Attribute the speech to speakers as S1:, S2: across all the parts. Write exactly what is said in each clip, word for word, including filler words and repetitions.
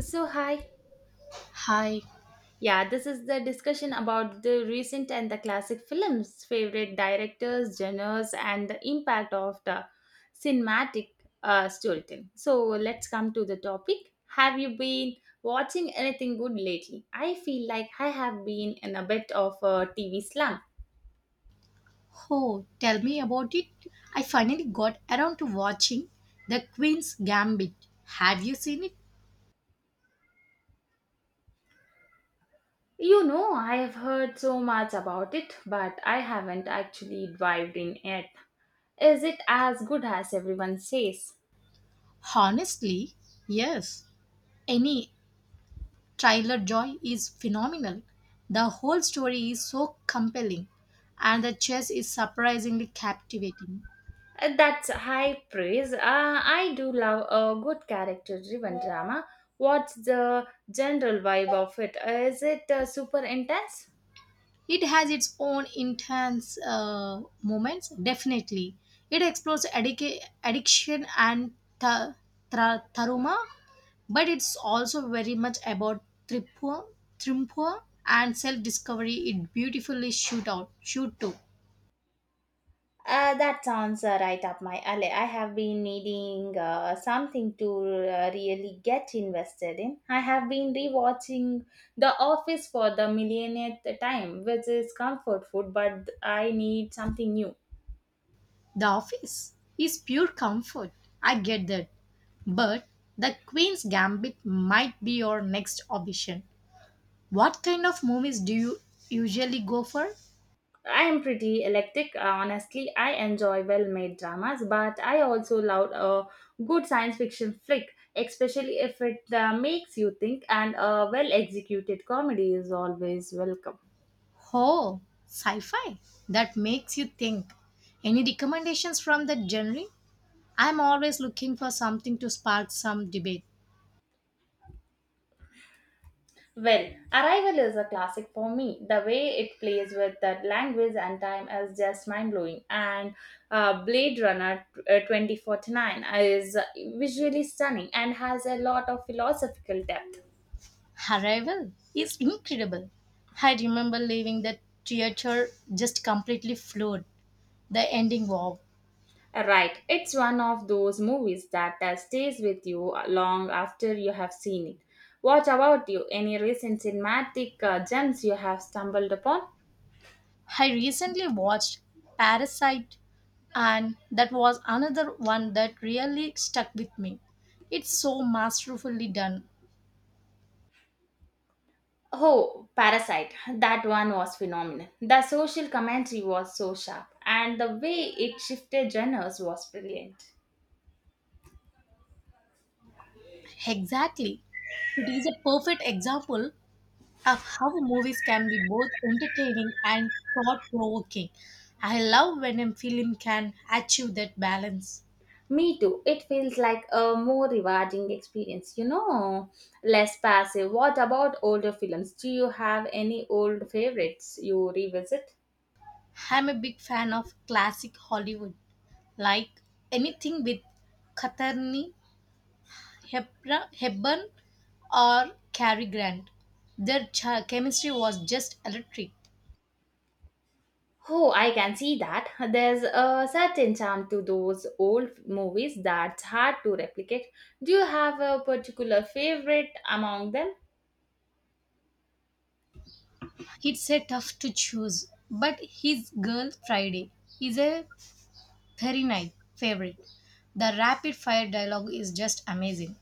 S1: So, hi.
S2: Hi,
S1: Yeah, this is the discussion about the recent and the classic films, favorite directors, genres, and the impact of the cinematic uh, storytelling. So, let's come to the topic. Have you been watching anything good lately? I feel like I have been in a bit of a T V slump.
S2: oh, tell me about it. I finally got around to watching The Queen's Gambit. Have you seen it?
S1: You know, I have heard so much about it, but I haven't actually dived in yet. Is it as good as everyone says?
S2: Honestly, yes. Any trailer joy is phenomenal. The whole story is so compelling, and the chess is surprisingly captivating.
S1: Uh, That's high praise. Uh, I do love a good character driven drama. What's the general vibe of it? Uh, Is it uh, super intense?
S2: It has its own intense uh, moments, definitely. It explores addic- addiction and th- tra- trauma, but it's also very much about tripua, trimpua and self-discovery. It beautifully shoot out shoot to
S1: Uh, that sounds uh, right up my alley. I have been needing uh, something to uh, really get invested in. I have been rewatching The Office for the millionth time, which is comfort food, but I need something new.
S2: the office is pure comfort. I get that, but the queen's gambit might be your next option. What kind of movies do you usually go for?
S1: I am pretty eclectic, honestly. I enjoy well made dramas, but I also love a good science fiction flick, especially if it uh, makes you think, and a well executed comedy is always welcome.
S2: Oh, sci-fi. That makes you think. Any recommendations from that genre? I'm always looking for something to spark some debate.
S1: Well, Arrival is a classic for me. The way it plays with that language and time is just mind blowing. And uh, Blade Runner uh, twenty forty-nine is visually stunning and has a lot of philosophical depth.
S2: Arrival is incredible. I remember leaving the theater just completely floored. The ending, wow.
S1: Right, it's one of those movies that uh, stays with you uh, long after you have seen it. What about you? Any recent cinematic uh, gems you have stumbled upon?
S2: I recently watched Parasite, and that was another one that really stuck with me. It's so masterfully done.
S1: Oh, Parasite. That one was phenomenal. The social commentary was so sharp, and the way it shifted genres was brilliant.
S2: Exactly. It is a perfect example of how movies can be both entertaining and thought provoking. I love when a film can achieve that balance.
S1: Me too. It feels like a more rewarding experience, you know, less passive. What about older films? Do you have any old favorites you revisit?
S2: I'm a big fan of classic Hollywood, like anything with Katharine Hepra- Hepburn or Cary Grant. Their ch- chemistry was just electric.
S1: Oh, I can see that. There's a certain charm to those old movies that's hard to replicate. Do you have a particular favorite among them?
S2: It's a tough to choose, but His Girl Friday is a very nice favorite. The rapid fire dialogue is just amazing.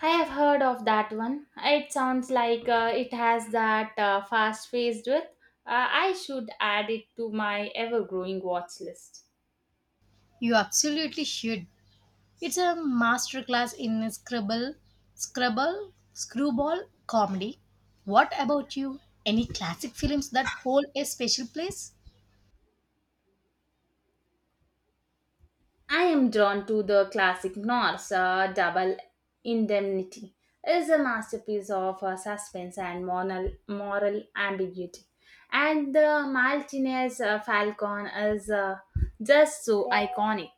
S1: I have heard of that one. It sounds like uh, it has that uh, fast-paced with. Uh, I should add it to my ever-growing watch list.
S2: You absolutely should. It's a masterclass in scribble, scrabble, screwball comedy. What about you? Any classic films that hold a special place?
S1: I am drawn to the classic Norse uh, Double Indemnity. Is a masterpiece of uh, suspense and moral, moral ambiguity. And the Maltese uh, Falcon is uh, just so iconic.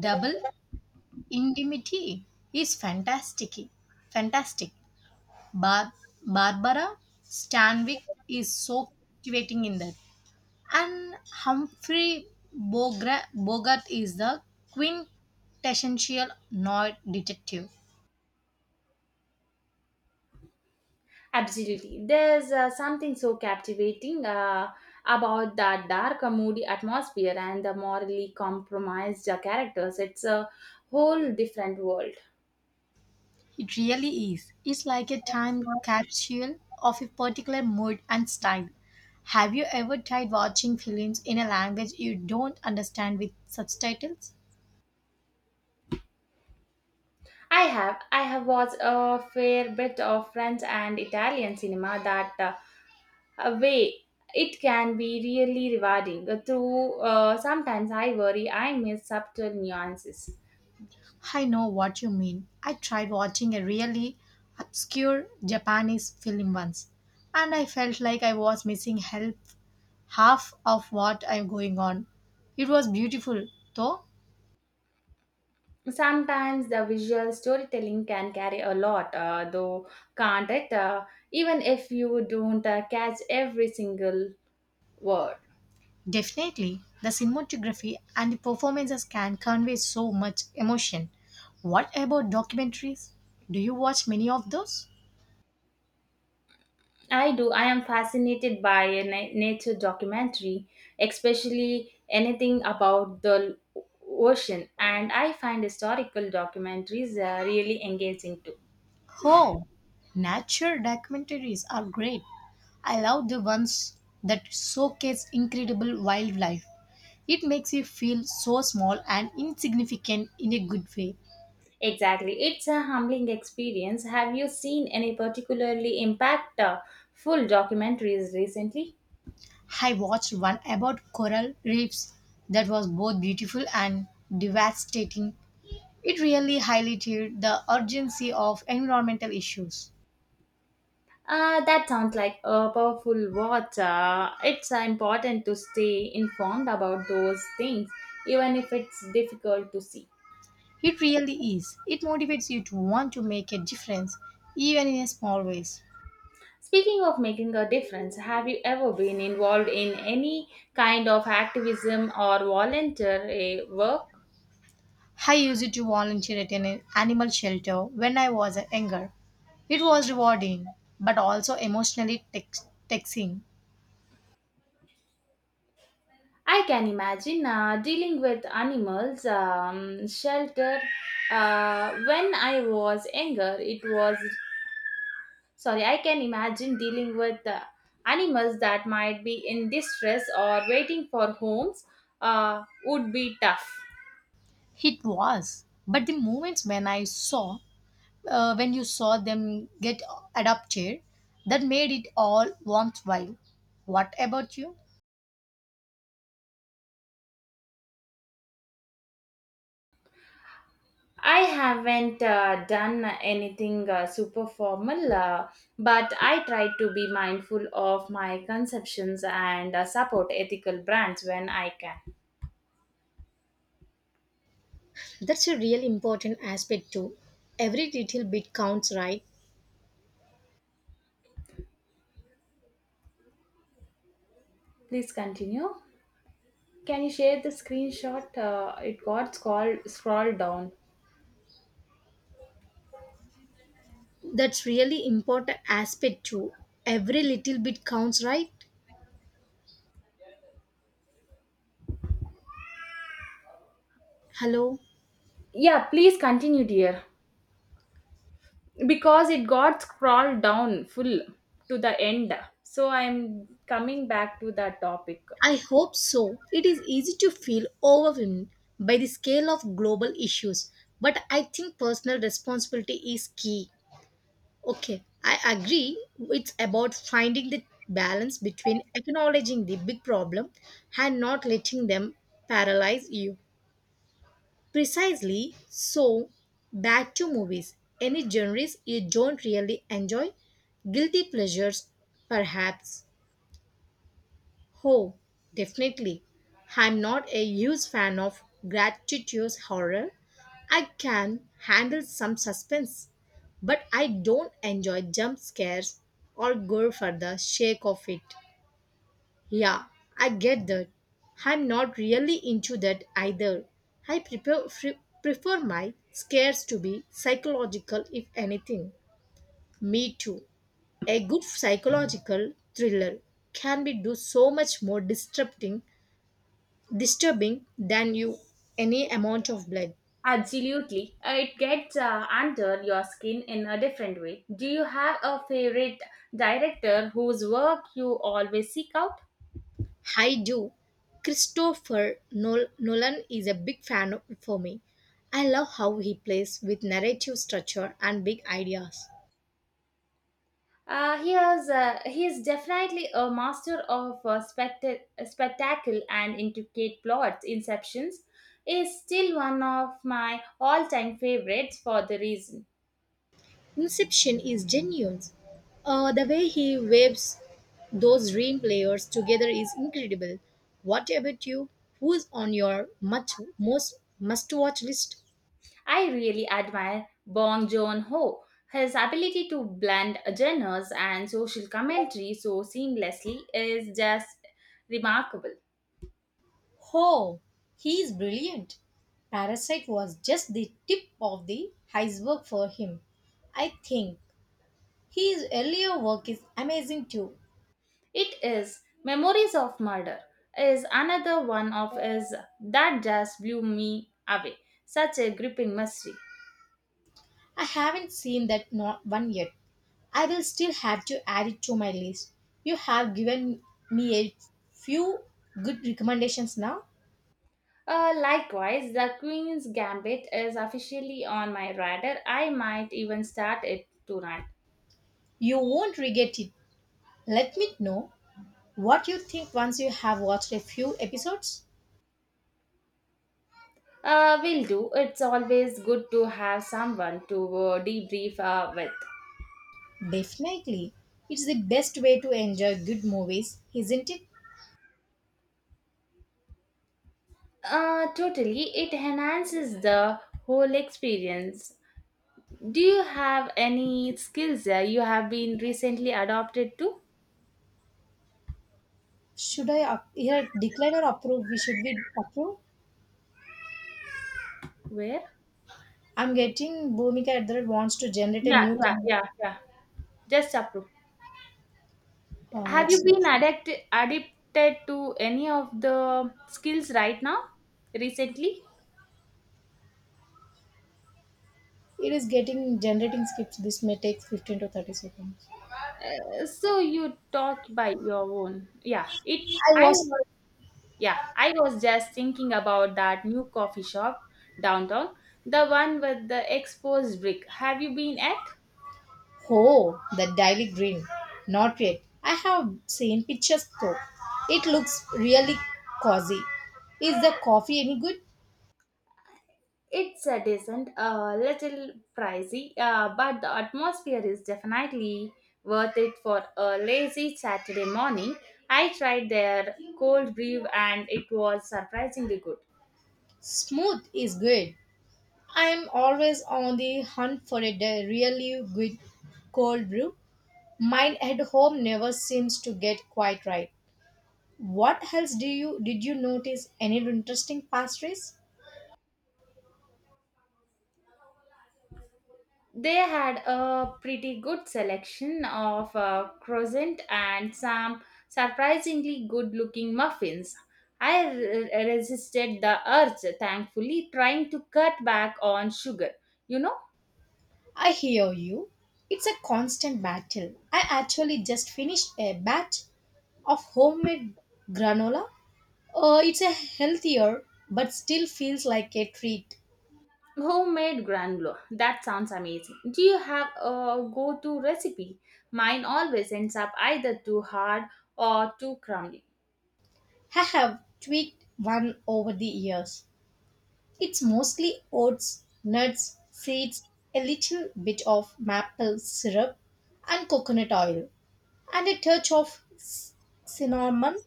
S2: Double Indemnity is fantastic. Fantastic. Bar- Barbara Stanwyck is so captivating in that. And Humphrey Bogra- Bogart is the quintessential noir detective.
S1: Absolutely. There's uh, something so captivating uh, about that dark, uh, moody atmosphere and the morally compromised uh, characters. It's a whole different world.
S2: It really is. It's like a time capsule of a particular mood and style. Have you ever tried watching films in a language you don't understand with subtitles?
S1: I have. I have watched a fair bit of French and Italian cinema that uh, a way it can be really rewarding. Uh, Through uh, sometimes I worry I miss subtle nuances.
S2: I know what you mean. I tried watching a really obscure Japanese film once, and I felt like I was missing help half of what I'm going on. It was beautiful, though.
S1: Sometimes the visual storytelling can carry a lot, uh, though can't it? Uh, even if you don't uh, catch every single word.
S2: Definitely, the cinematography and the performances can convey so much emotion. What about documentaries? Do you watch many of those?
S1: I do. I am fascinated by a na- nature documentary, especially anything about the l- ocean. And I find historical documentaries uh, really engaging too.
S2: Oh, nature documentaries are great. I love the ones that showcase incredible wildlife. It makes you feel so small and insignificant in a good way.
S1: Exactly. It's a humbling experience. Have you seen any particularly impactful documentaries recently?
S2: I watched one about coral reefs that was both beautiful and devastating. It really highlighted the urgency of environmental issues.
S1: Uh, that sounds like a powerful watch. Uh, it's uh, important to stay informed about those things, even if it's difficult to see.
S2: It really is. It motivates you to want to make a difference, even in a small ways.
S1: Speaking of making a difference, have you ever been involved in any kind of activism or volunteer eh, work?
S2: I used it to volunteer at an animal shelter when I was younger. It was rewarding, but also emotionally tax- taxing.
S1: I can imagine uh, dealing with animals, um, shelter. Uh, when I was younger, it was sorry. I can imagine dealing with uh, animals that might be in distress or waiting for homes uh, would be tough.
S2: It was. But the moments when I saw, uh, when you saw them get adopted, that made it all worthwhile. What about you?
S1: I haven't uh, done anything uh, super formal, uh, but I try to be mindful of my conceptions and uh, support ethical brands when I can.
S2: That's a real important aspect too. Every little bit counts, right?
S1: Please continue. Can you share the screenshot? Uh, it got scrolled, scrolled down.
S2: That's really important aspect too. Every little bit counts, right? Hello?
S1: Yeah, please continue, dear. Because it got scrolled down full to the end. So I'm coming back to that topic.
S2: I hope so. It is easy to feel overwhelmed by the scale of global issues, but I think personal responsibility is key. Okay, I agree. It's about finding the balance between acknowledging the big problem and not letting them paralyze you. Precisely so, back to movies. Any genres you don't really enjoy? Guilty pleasures, perhaps. Oh, definitely. I'm not a huge fan of gratuitous horror. I can handle some suspense, but I don't enjoy jump scares or gore for the sake of it. Yeah, I get that. I'm not really into that either. I prefer, fre- prefer my scares to be psychological, if anything. Me too. A good psychological thriller can be do so much more disrupting, disturbing than you any amount of blood.
S1: Absolutely. Uh, It gets uh, under your skin in a different way. Do you have a favorite director whose work you always seek out?
S2: I do. Christopher Nol- Nolan is a big fan of- for me. I love how he plays with narrative structure and big ideas.
S1: Uh, he is, uh, he is definitely a master of uh, specta- spectacle and intricate plots. Inceptions is still one of my all time favorites for the reason.
S2: Inception is genuine. Uh, the way he waves those dream players together is incredible. What about you? Who's on your much most must-watch list?
S1: I really admire Bong Joon Ho. His ability to blend genres and social commentary so seamlessly is just remarkable.
S2: Oh, he is brilliant. Parasite was just the tip of the iceberg for him. I think his earlier work is amazing too.
S1: It is Memories of Murder is another one of his that just blew me away. Such a gripping mystery.
S2: I haven't seen that not one yet. I will still have to add it to my list. You have given me a few good recommendations now.
S1: Uh, likewise, The Queen's Gambit is officially on my radar. I might even start it tonight.
S2: You won't regret it. Let me know what you think once you have watched a few episodes.
S1: Uh, will do. It's always good to have someone to uh, debrief uh, with.
S2: Definitely. It's the best way to enjoy good movies, isn't it?
S1: Uh, totally. It enhances the whole experience. Do you have any skills uh, you have been recently adopted to?
S2: Should I up- here decline or approve? We should we approve?
S1: Where?
S2: I'm getting Bhumika at the wants to generate a
S1: Yeah,
S2: new.
S1: yeah,
S2: con-
S1: yeah, yeah. Just approve.
S2: Uh,
S1: Have you
S2: it's.
S1: been addicted addicted to any of the skills right now, recently?
S2: It is getting generating scripts. This may take fifteen to thirty seconds.
S1: Uh, So you talk by your own. Yeah. It.
S2: I
S1: I
S2: was,
S1: Yeah, I was just thinking about that new coffee shop downtown, the one with the exposed brick. Have you been at?
S2: oh, the daily green. Not yet. I have seen pictures though. It looks really cozy. Is the coffee any good?
S1: It's a decent, a little pricey, uh, but the atmosphere is definitely worth it for a lazy Saturday morning. I tried their cold brew and it was surprisingly good.
S2: Smooth is good. I am always on the hunt for a de- really good cold brew. Mine at home never seems to get quite right. What else do you did you notice? Any interesting pastries?
S1: They had a pretty good selection of uh, croissant and some surprisingly good looking muffins. I r- resisted the urge, thankfully, trying to cut back on sugar. You know,
S2: I hear you. It's a constant battle. I actually just finished a batch of homemade granola. Uh, it's a healthier but still feels like a treat.
S1: homemade granola. That sounds amazing. Do you have a go to recipe? Mine always ends up either too hard or too crumbly.
S2: I have tweaked one over the years. It's mostly oats, nuts, seeds, a little bit of maple syrup, and coconut oil, and a touch of c- cinnamon.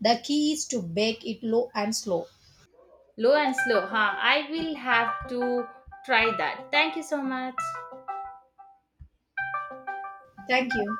S2: The key is to bake it low and slow.
S1: Low and slow, huh? I will have to try that. Thank you so much.
S2: Thank you.